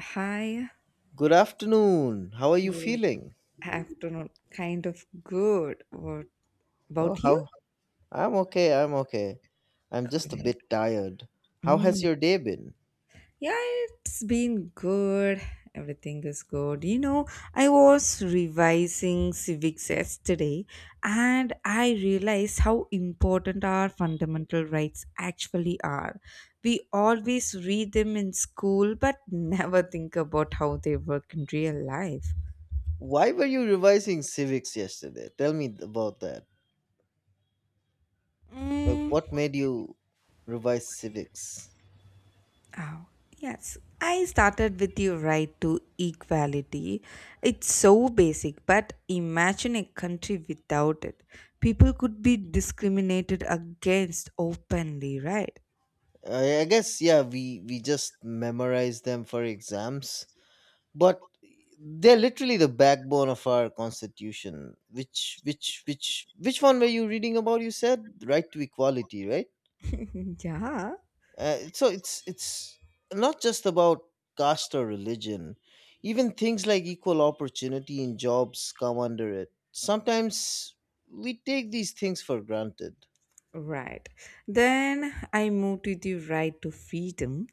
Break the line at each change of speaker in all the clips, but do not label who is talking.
Hi,
Good afternoon. How are you
good
feeling?
afternoon. Kind of good. What
Oh,
about you?
how? I'm okay. I'm just a bit
Correct.
tired. How has
Mm.
your day been?
Yeah, it's been good. Everything is good. You know, I was revising civics yesterday and I realized how important our fundamental rights actually are. We always read them in school but never think about how they work in real life.
Why were you revising civics yesterday? Tell me about that. Like,
Mm,
what made you revise civics?
Oh, yes. I started with your right to equality. It's so basic, but imagine a country without it. People could be discriminated against openly, right?
I guess, yeah, we just memorize them for exams, but they're literally the backbone of our constitution. Which one were you reading about? You said right to equality, right?
Yeah,
So it's not just about caste or religion. Even things like equal opportunity in jobs come under it. Sometimes we take these things for granted.
right. Then I moved to the right to freedom.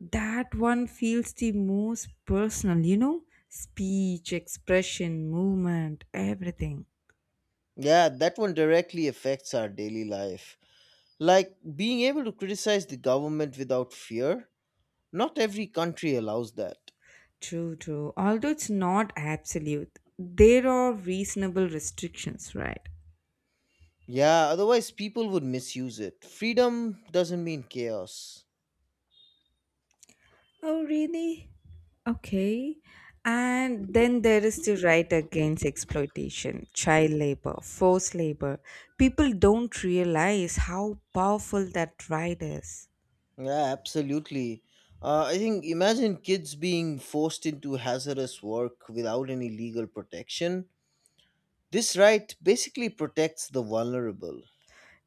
That one feels the most personal, you know? Speech, expression, movement, everything.
Yeah, that one directly affects our daily life. Like being able to criticize the government without fear. Not every country allows that.
True, true. Although it's not absolute, there are reasonable restrictions, right?
Yeah, otherwise people would misuse it. Freedom doesn't mean chaos.
Oh, really? Okay. And then there is the right against exploitation, child labor, forced labor. People don't realize how powerful that right is.
Yeah, absolutely. I think imagine kids being forced into hazardous work without any legal protection. This right basically protects the vulnerable,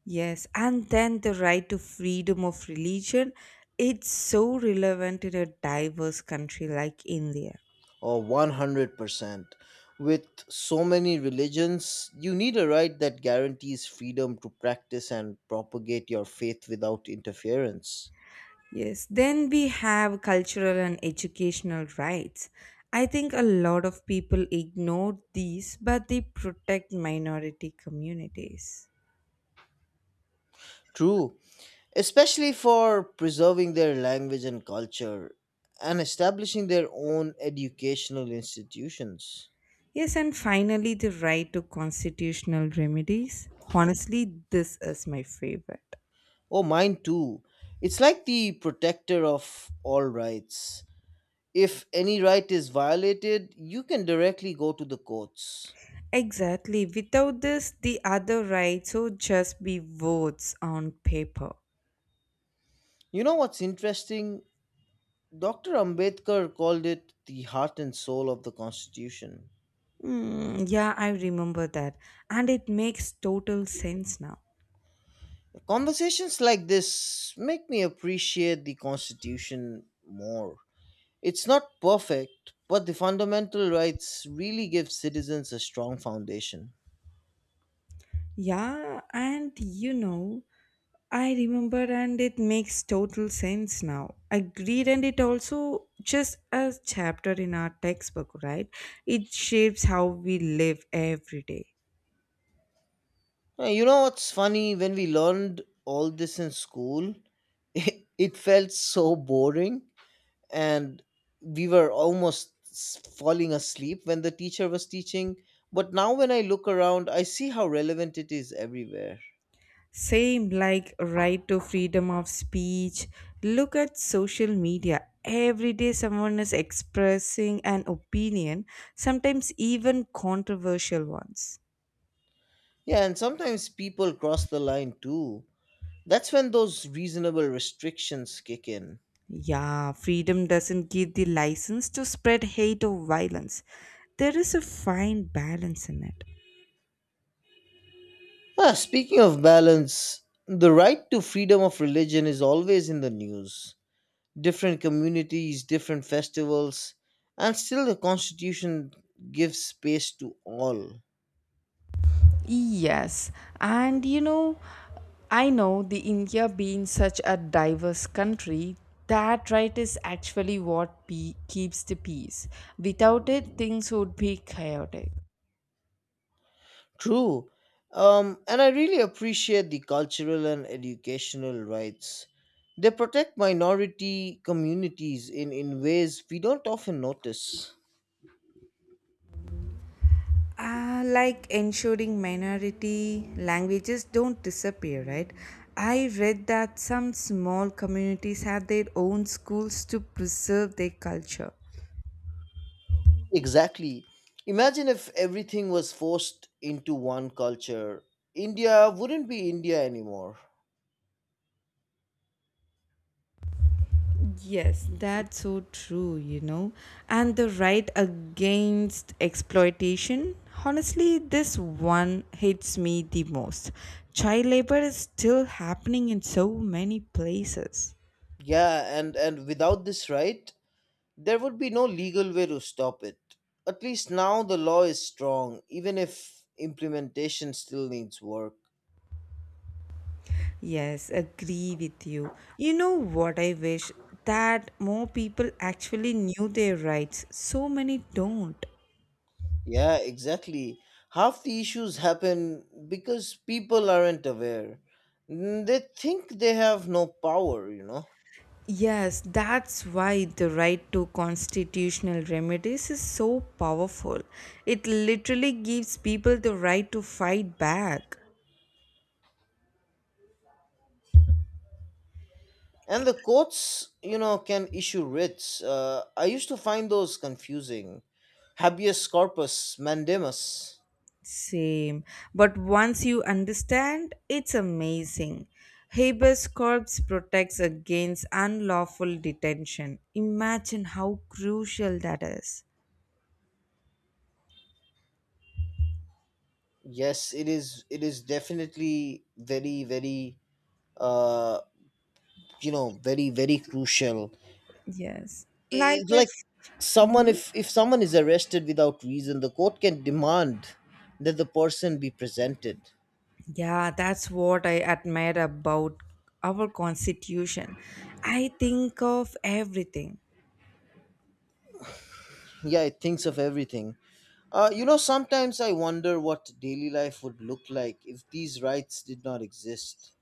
Yes, and then the right to freedom of religion. It's so relevant in a diverse country like India.
or 100%. With so many religions, you need a right that guarantees freedom to practice and propagate your faith without interference.
Yes, then we have cultural and educational rights. I think a lot of people ignore these, but they protect minority communities.
True, especially for preserving their language and culture and establishing their own educational institutions.
Yes, and finally, the right to constitutional remedies. Honestly, this is my favorite.
Oh, mine too. It's like the protector of all rights. If any right is violated, you can directly go to the courts.
Exactly. Without this, the other rights would just be votes on paper.
You know what's interesting? Dr. Ambedkar called it the heart and soul of the Constitution.
Mm, yeah, I remember that. And it makes total sense now.
Conversations like this make me appreciate the Constitution more. It's not perfect, but the fundamental rights really give citizens a strong foundation.
Yeah, and you know, I remember and it makes total sense now. Agreed, and it also just a chapter in our textbook, right? It shapes how we live every day.
You know what's funny? When we learned all this in school, it felt so boring, and we were almost falling asleep when the teacher was teaching. But now, when I look around, I see how relevant it is everywhere.
Same like right to freedom of speech. Look at social media. Every day someone is expressing an opinion, sometimes even controversial ones.
Yeah, and sometimes people cross the line too. That's when those reasonable restrictions kick in.
Yeah, freedom doesn't give the license to spread hate or violence. There is a fine balance in it.
Ah, speaking of balance, the right to freedom of religion is always in the news. Different communities, different festivals, and still the Constitution gives space to all.
Yes, and you know, I know the India being such a diverse country, that right is actually what keeps the peace. Without it, things would be chaotic.
True. And I really appreciate the cultural and educational rights. They protect minority communities in ways we don't often notice.
Like ensuring minority languages don't disappear, right? I read that some small communities have their own schools to preserve their culture.
Exactly. Imagine if everything was forced into one culture. India wouldn't be India anymore.
Yes, that's so true, you know. And the right against exploitation, honestly, this one hits me the most. Child labor is still happening in so many places.
Yeah, and without this right, there would be no legal way to stop it. At least now the law is strong, even if implementation still needs work.
Yes, agree with you. You know what I wish? That more people actually knew their rights. So many don't.
Yeah, exactly. Half the issues happen because people aren't aware. They think they have no power, you know.
Yes, that's why the right to constitutional remedies is so powerful. It literally gives people the right to fight back.
And the courts, you know, can issue writs. I used to find those confusing. Habeas corpus mandamus.
Same. But once you understand, it's amazing. Habeas corpus protects against unlawful detention. Imagine how crucial that is.
Yes, it is. It is definitely very, very uh, you know very very crucial.
Yes. Like
It's
if.
like someone,
Mm-hmm.
if someone is arrested without reason, the court can demand that the person be presented.
Yeah, that's what I admire about our constitution. I think of everything.
Yeah, it thinks of everything. You know, sometimes I wonder what daily life would look like if these rights did not exist.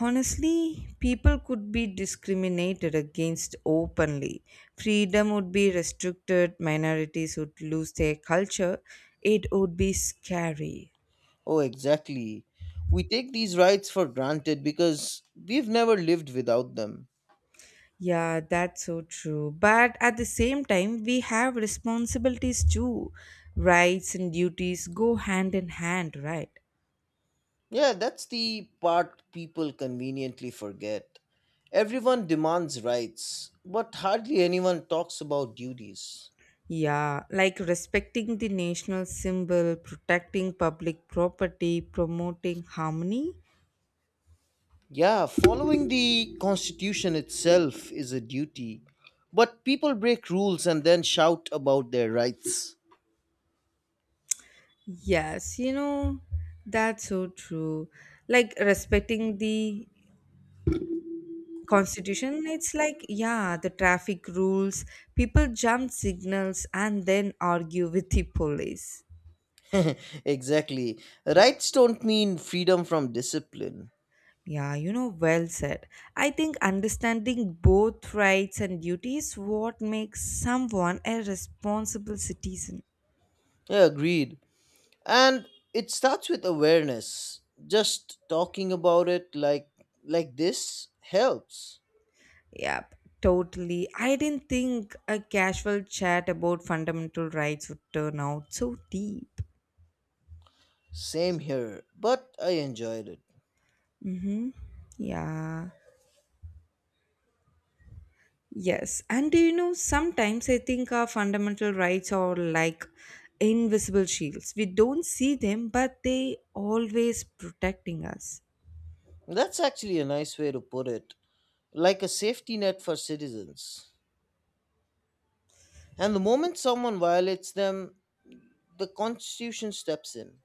Honestly, people could be discriminated against openly. Freedom would be restricted, minorities would lose their culture. It would be scary.
Oh, exactly. We take these rights for granted because we've never lived without them.
Yeah, that's so true. But at the same time, we have responsibilities too. Rights and duties go hand in hand, right?
Yeah, that's the part people conveniently forget. Everyone demands rights, but hardly anyone talks about duties.
Yeah, like respecting the national symbol, protecting public property, promoting harmony.
Yeah, following the Constitution itself is a duty, but people break rules and then shout about their rights.
Yes, you know, that's so true. Like respecting the constitution, it's like, yeah, the traffic rules, people jump signals and then argue with the police.
Exactly. Rights don't mean freedom from discipline.
Yeah, you know, well said. I think understanding both rights and duties what makes someone a responsible citizen.
Yeah, agreed. And it starts with awareness. Just talking about it like this helps.
Yep, totally. I didn't think a casual chat about fundamental rights would turn out so deep.
Same here, but I enjoyed it.
Mm-hmm. Yeah. Yes. And do you know, sometimes I think our fundamental rights are like invisible shields. We don't see them, but they always protecting us.
That's actually a nice way to put it, like a safety net for citizens. And the moment someone violates them, the Constitution steps in.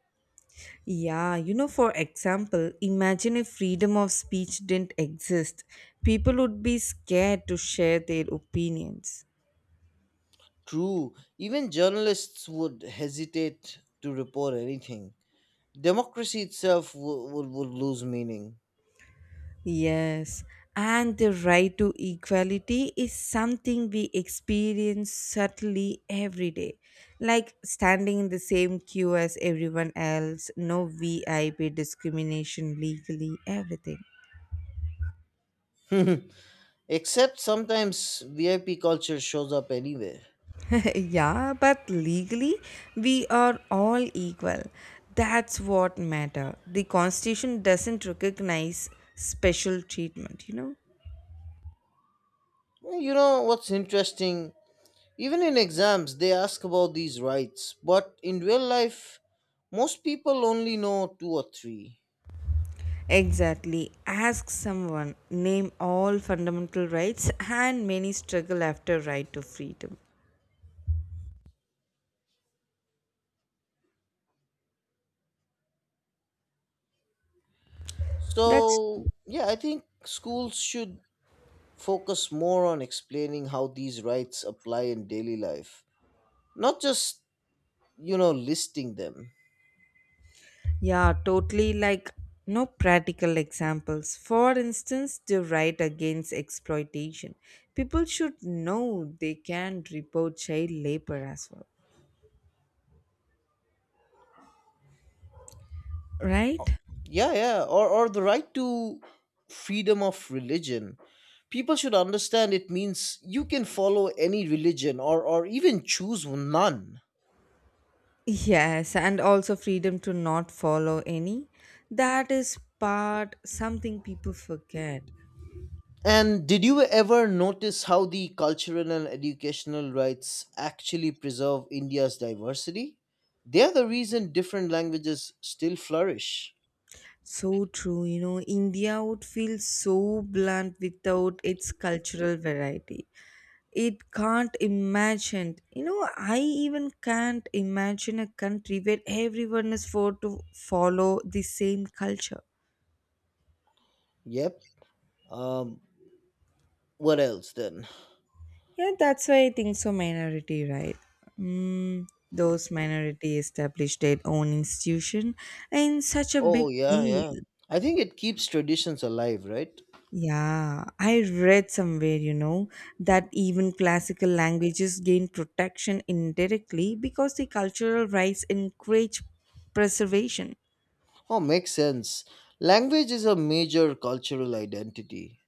Yeah, you know, for example, imagine if freedom of speech didn't exist. People would be scared to share their opinions.
True, even journalists would hesitate to report anything. Democracy itself would lose meaning.
Yes, and the right to equality is something we experience subtly every day. Like standing in the same queue as everyone else, no VIP discrimination legally, everything.
Except sometimes VIP culture shows up anyway.
Yeah, but legally, we are all equal. That's what matter. The constitution doesn't recognize special treatment, you know?
You know what's interesting? Even in exams, they ask about these rights, but in real life, most people only know two or three.
Exactly. Ask someone, name all fundamental rights, and many struggle after right to freedom. That's,
So, yeah, I think schools should focus more on explaining how these rights apply in daily life, not just, you know, listing them.
yeah, totally like no practical examples. For instance, the right against exploitation. People should know they can report child labor as well, right?
Yeah, yeah, or the right to freedom of religion. People should understand it means you can follow any religion or even choose none.
Yes, and also freedom to not follow any. That is part something people forget.
And did you ever notice how the cultural and educational rights actually preserve India's diversity? They are the reason different languages still flourish.
So true, you know, India would feel so bland without its cultural variety. It can't imagine, you know, I even can't imagine a country where everyone is for to follow the same culture.
Yep. Um, what else then?
Yeah, that's why I think so minority, right? Mm, those minority established their own institution in such a
Oh,
big
yeah,
deal.
yeah. I think it keeps traditions alive, right?
Yeah, I read somewhere, you know, that even classical languages gain protection indirectly because the cultural rights encourage preservation.
Oh, makes sense. Language is a major cultural identity.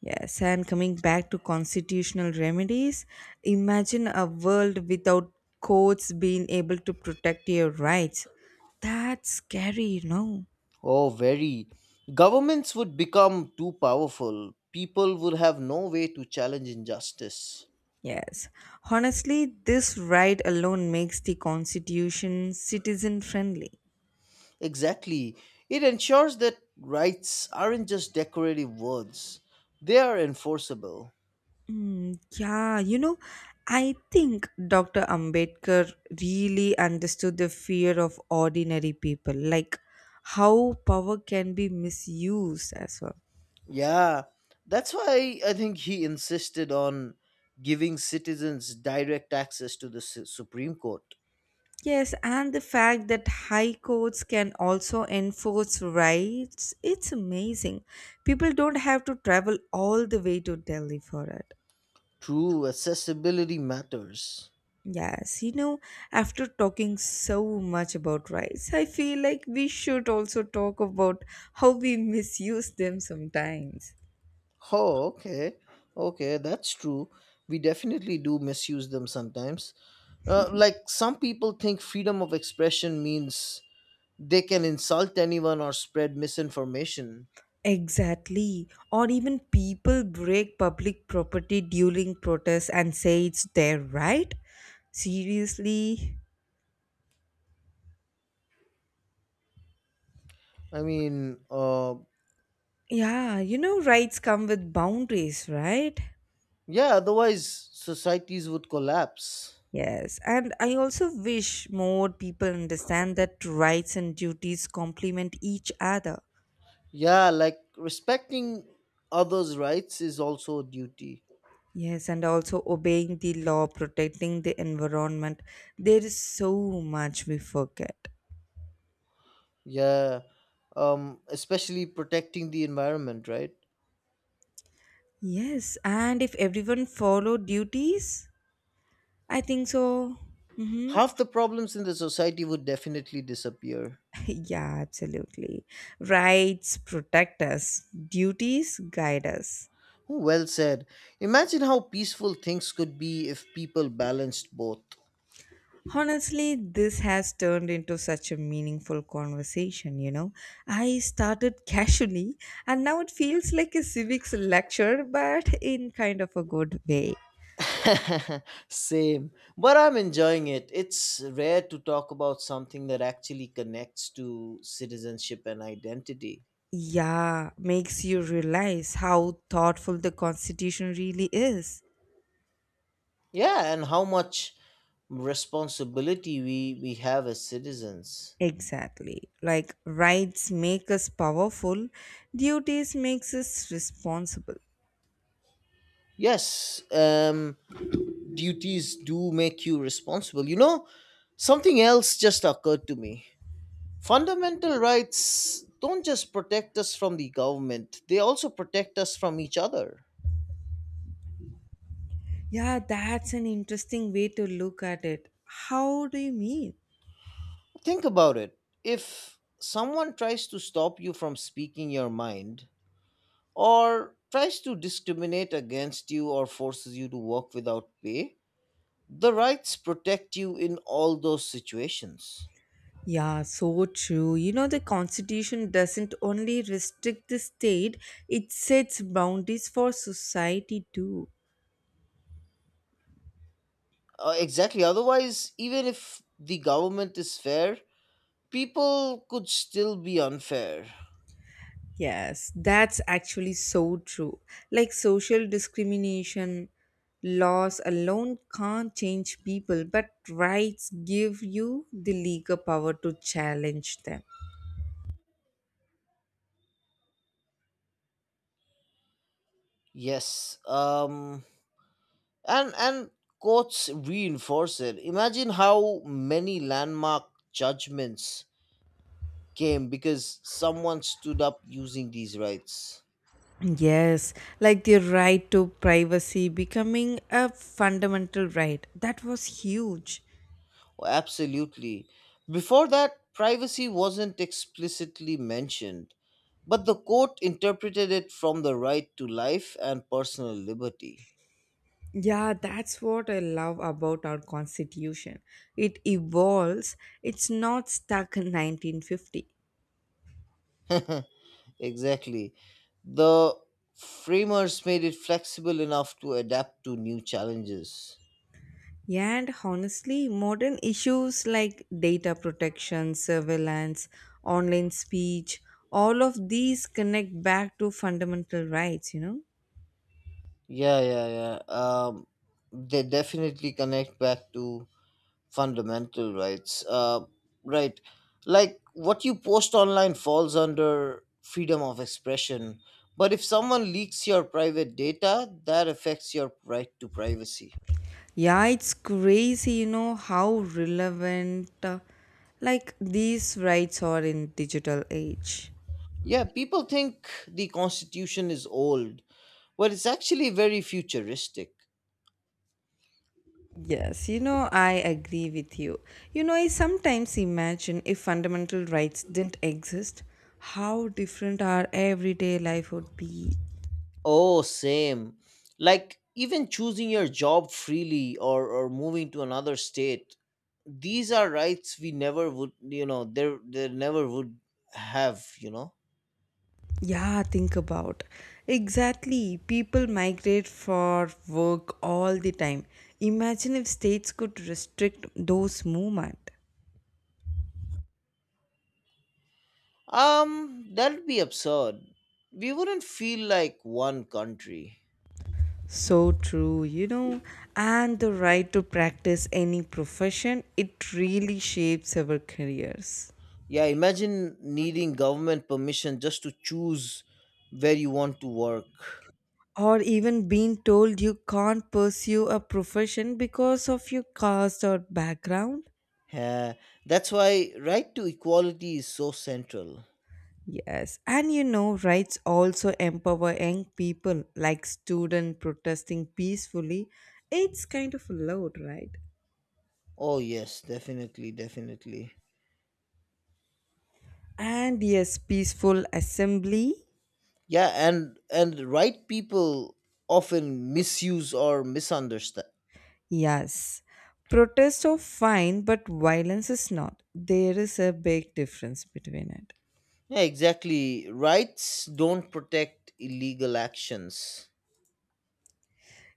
Yes, and coming back to constitutional remedies, imagine a world without courts being able to protect your rights. That's scary, you know.
Oh, very. Governments would become too powerful. People would have no way to challenge injustice.
Yes. Honestly, this right alone makes the Constitution citizen friendly.
Exactly. It ensures that rights aren't just decorative words, they are enforceable.
Mm, yeah, you know, I think Dr. Ambedkar really understood the fear of ordinary people, like how power can be misused as well.
Yeah, that's why I think he insisted on giving citizens direct access to the Supreme Court.
Yes, and the fact that high courts can also enforce rights, it's amazing. People don't have to travel all the way to Delhi for it.
True, accessibility matters.
Yes, you know, after talking so much about rights, I feel like we should also talk about how we misuse them sometimes.
Oh, okay. Okay, that's true. We definitely do misuse them sometimes. Like, some people think freedom of expression means they can insult anyone or spread misinformation.
Exactly. Or even people break public property during protests and say it's their right. Seriously?
I mean,
Yeah, you know, rights come with boundaries, right?
yeah, otherwise societies would collapse.
Yes, and I also wish more people understand that rights and duties complement each other.
Yeah, like respecting others' rights is also a duty.
Yes, and also obeying the law, protecting the environment. There is so much we forget.
Yeah, especially protecting the environment, right?
Yes, and if everyone follow duties, I think so. Mm-hmm.
Half the problems in the society would definitely disappear.
Yeah, absolutely. Rights protect us, duties guide us.
Well said. Imagine how peaceful things could be if people balanced both.
Honestly, this has turned into such a meaningful conversation, you know. I started casually and now it feels like a civics lecture, but in kind of a good way.
Same, but I'm enjoying it. It's rare to talk about something that actually connects to citizenship and identity.
Yeah, makes you realize how thoughtful the Constitution really is.
Yeah, and how much responsibility we have as citizens.
Exactly. Like rights make us powerful, duties makes us responsible.
Yes, duties do make you responsible. You know, something else just occurred to me. Fundamental rights don't just protect us from the government, they also protect us from each other.
Yeah, that's an interesting way to look at it. How do you mean?
Think about it. If someone tries to stop you from speaking your mind, or tries to discriminate against you, or forces you to work without pay, the rights protect you in all those situations.
Yeah, so true. You know, the constitution doesn't only restrict the state, it sets boundaries for society too.
Exactly. Otherwise, even if the government is fair, people could still be unfair.
Yes, that's actually so true. Like social discrimination laws alone can't change people, but rights give you the legal power to challenge them.
Yes. And courts reinforce it. Imagine how many landmark judgments came because someone stood up using these rights.
Yes, like the right to privacy becoming a fundamental right. That was huge.
Oh, absolutely. Before that, privacy wasn't explicitly mentioned, but the court interpreted it from the right to life and personal liberty.
Yeah, that's what I love about our constitution. It evolves, it's not stuck in 1950.
Exactly. The framers made it flexible enough to adapt to new challenges.
Yeah, and honestly, modern issues like data protection, surveillance, online speech, all of these connect back to fundamental rights, you know?
Yeah, yeah, yeah. Um, they definitely connect back to fundamental rights, right? Like what you post online falls under freedom of expression, but if someone leaks your private data, that affects your right to privacy.
Yeah, it's crazy, you know, how relevant like these rights are in digital age.
Yeah, people think the constitution is old, but it's actually very futuristic.
Yes, you know, I agree with you. You know, I sometimes imagine if fundamental rights didn't exist, how different our everyday life would be.
Oh, same. Like even choosing your job freely, or moving to another state, these are rights we never would you know there there never would have you know
Yeah, think about. Exactly. People migrate for work all the time. Imagine if states could restrict those movement.
That'd be absurd. We wouldn't feel like one country.
So true, you know, and the right to practice any profession, it really shapes our careers.
Yeah, imagine needing government permission just to choose where you want to work.
Or even being told you can't pursue a profession because of your caste or background.
Yeah, that's why right to equality is so central.
Yes, and you know, rights also empower young people like student protesting peacefully. It's kind of loud, right?
Oh yes, definitely, definitely.
And yes, peaceful assembly.
Yeah, and right people often misuse or misunderstand.
Yes, protests are fine, but violence is not. There is a big difference between it.
Yeah, exactly. Rights don't protect illegal actions.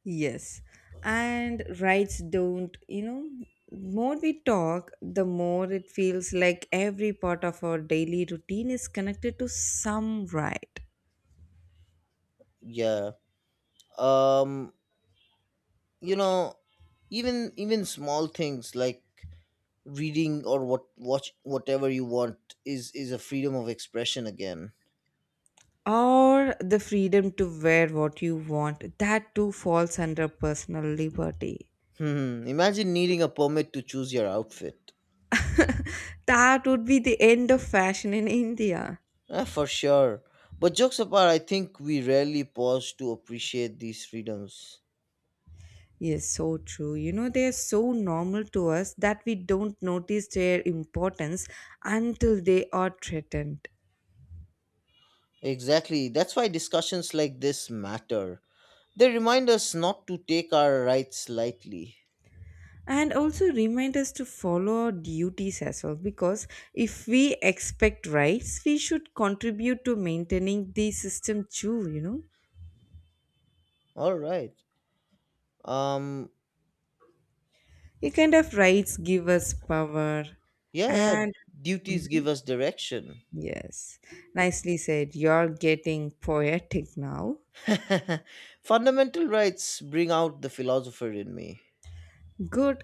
Yes, and rights don't, you know, more we talk, the more it feels like every part of our daily routine is connected to some right.
Yeah. Um you know, even small things like reading or what watch whatever you want is a freedom of expression again.
Or the freedom to wear what you want, that too falls under personal liberty.
Hmm, imagine needing a permit to choose your outfit.
That would be the end of fashion in India.
Ah, for sure, but jokes apart, I think we rarely pause to appreciate these freedoms.
Yes, so true, you know, they are so normal to us that we don't notice their importance until they are threatened.
Exactly, that's why discussions like this matter. They remind us not to take our rights lightly.
And also remind us to follow our duties as well, because if we expect rights we should contribute to maintaining the system too, you know.
All right um
A kind of rights give us power
yeah, yeah,
and
duties give
Mhm.
us direction.
Yes, nicely said, you're getting poetic now.
Fundamental rights bring out the philosopher in me.
Good,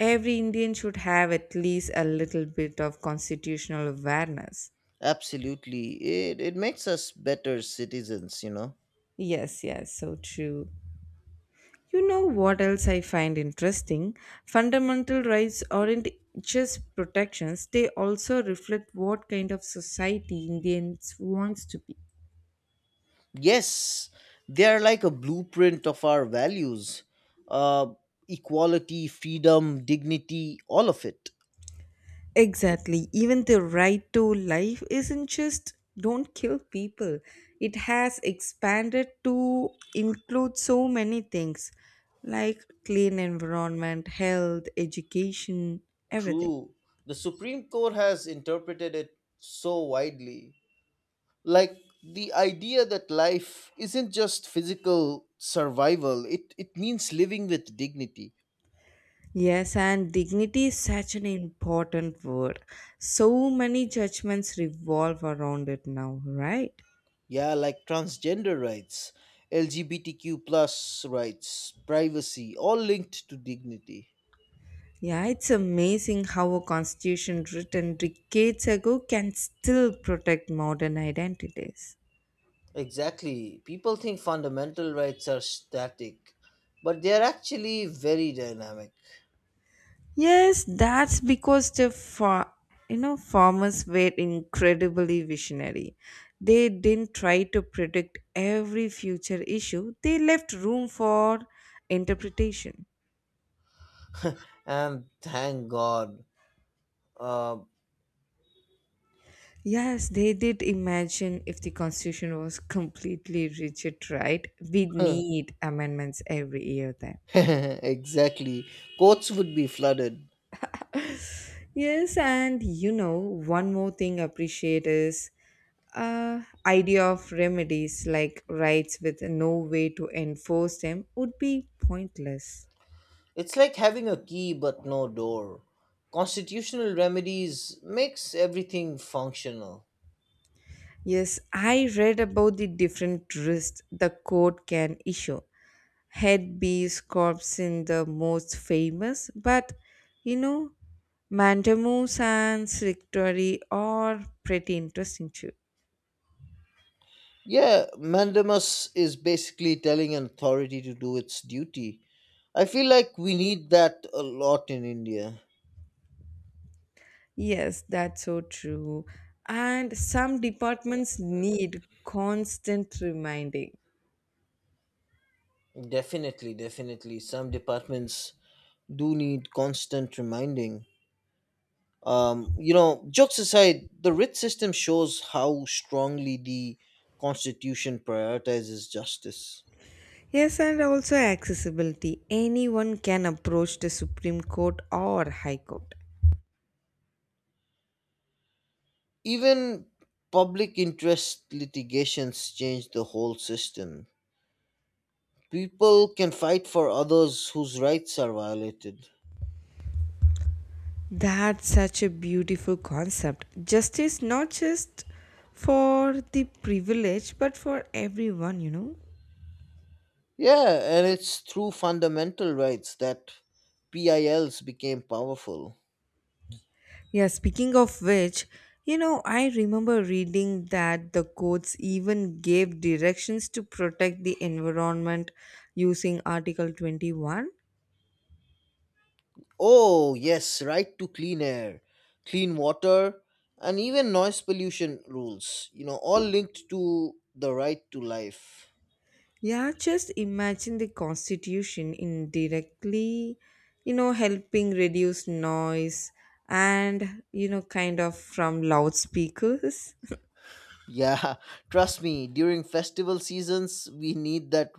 every Indian should have at least a little bit of constitutional awareness.
Absolutely. It makes us better citizens, you know.
Yes, yes, so true. You know what else I find interesting, fundamental rights aren't just protections, they also reflect what kind of society Indians wants to be.
Yes, they are like a blueprint of our values: uh, equality, freedom, dignity, all of it.
Exactly. Even the right to life isn't just don't kill people, it has expanded to include so many things like clean environment, health, education, everything.
True. The Supreme Court has interpreted it so widely. Like the idea that life isn't just physical survival, it means living with dignity.
Yes, and dignity is such an important word. So many judgments revolve around it now, right?
Yeah, like transgender rights, LGBTQ plus rights, privacy, all linked to dignity.
Yeah, it's amazing how a constitution written decades ago can still protect modern identities.
Exactly. People think fundamental rights are static, but they are actually very dynamic.
Yes, that's because you know, farmers were incredibly visionary. They didn't try to predict every future issue. They left room for interpretation.
And thank God. Uh,
Yes, they did imagine if the constitution was completely rigid, right? We'd need amendments every year then.
exactly. Courts would be flooded.
Yes, and you know, one more thing I appreciate is idea of remedies like rights with no way to enforce them would be pointless.
It's like having a key but no door. Constitutional remedies makes everything functional.
Yes, I read about the different risks the court can issue. Head bees, corpse in the most famous, but you know, mandamus and secretary are pretty interesting too.
Yeah, mandamus is basically telling an authority to do its duty. I feel like we need that a lot in India.
Yes, that's so true. And some departments need constant reminding.
Definitely, definitely. Some departments do need constant reminding. You know, jokes aside, the writ system shows how strongly the Constitution prioritizes justice.
Yes, and also accessibility. Anyone can approach the Supreme Court or High Court.
Even public interest litigations change the whole system. People can fight for others whose rights are violated.
That's such a beautiful concept. Justice not just for the privileged, but for everyone, you know.
Yeah, and it's through fundamental rights that PILs became powerful.
Yeah, speaking of which, you know, I remember reading that the courts even gave directions to protect the environment using Article 21.
Oh, yes, right to clean air, clean water, and even noise pollution rules, you know, all linked to the right to life.
Yeah, just imagine the Constitution indirectly, you know, helping reduce noise and, you know, kind of from loudspeakers.
Yeah, trust me, during festival seasons, we need that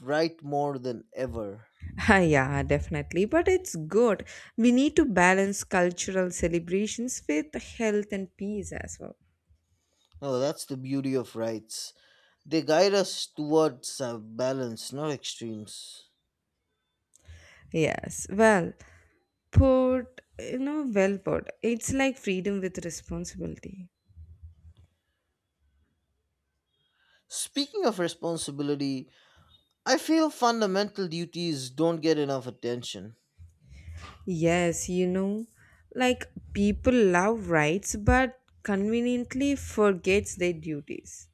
right more than ever.
Ah, yeah, definitely. But it's good. We need to balance cultural celebrations with health and peace as well.
Oh, that's the beauty of rights. They guide us towards a balance, not extremes.
Yes, well put, you know, well put. It's like freedom with responsibility.
Speaking of responsibility, I feel fundamental duties don't get enough attention.
Yes, you know, like people love rights but conveniently forgets their duties.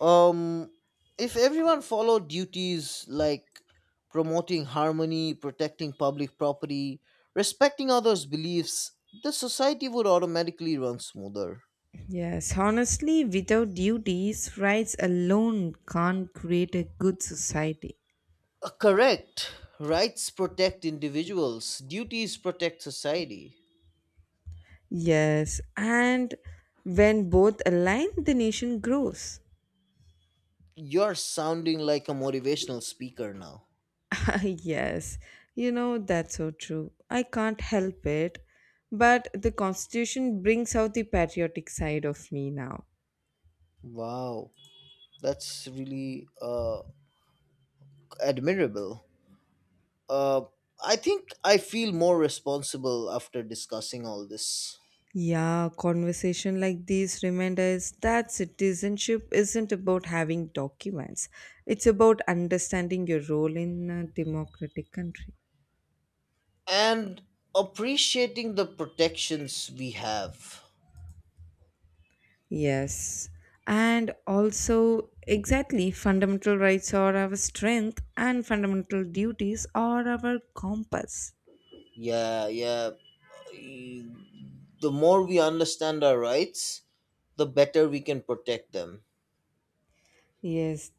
Um, if everyone followed duties like promoting harmony, protecting public property, respecting others' beliefs, the society would automatically run smoother.
Yes, honestly, without duties, rights alone can't create a good society.
Correct. Rights protect individuals, duties protect society.
Yes, and when both align, the nation grows.
You're sounding like a motivational speaker now.
Yes, you know, that's so true. I can't help it. But the Constitution brings out the patriotic side of me now.
Wow, that's really admirable. Uh, I think I feel more responsible after discussing all this
Yeah, conversation like these remind us that citizenship isn't about having documents. It's about understanding your role in a democratic country.
and appreciating the protections we have.
Yes. And also, exactly, fundamental rights are our strength and fundamental duties are our compass.
Yeah, yeah. y- The more we understand our rights, the better we can protect them.
Yes,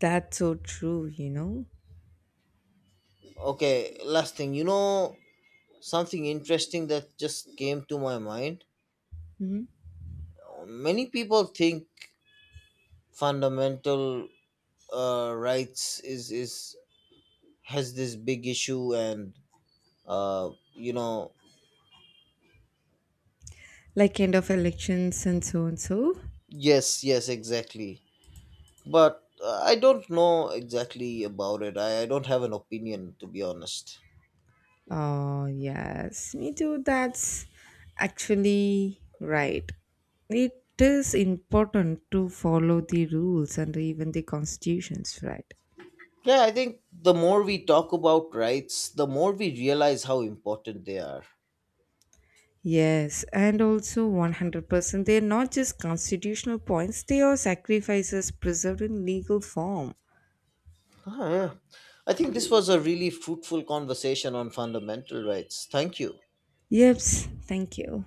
that's so true, you know.
Okay, last thing. You know, something interesting that just came to my mind.
Mhm.
Many people think fundamental rights is has this big issue and you know,
Like end of elections and so and so.
yes yes exactly, but I don't know exactly about it. I don't have an opinion, to be honest.
Oh, yes, me too. That's actually right. It is important to follow the rules and even the constitutions, right?
Yeah, I think the more we talk about rights, the more we realize how important they are.
Yes, and also 100%. They are not just constitutional points, they are sacrifices preserved in legal form.
Ah, yeah. I think this was a really fruitful conversation on fundamental rights. Thank you.
Yep, thank you.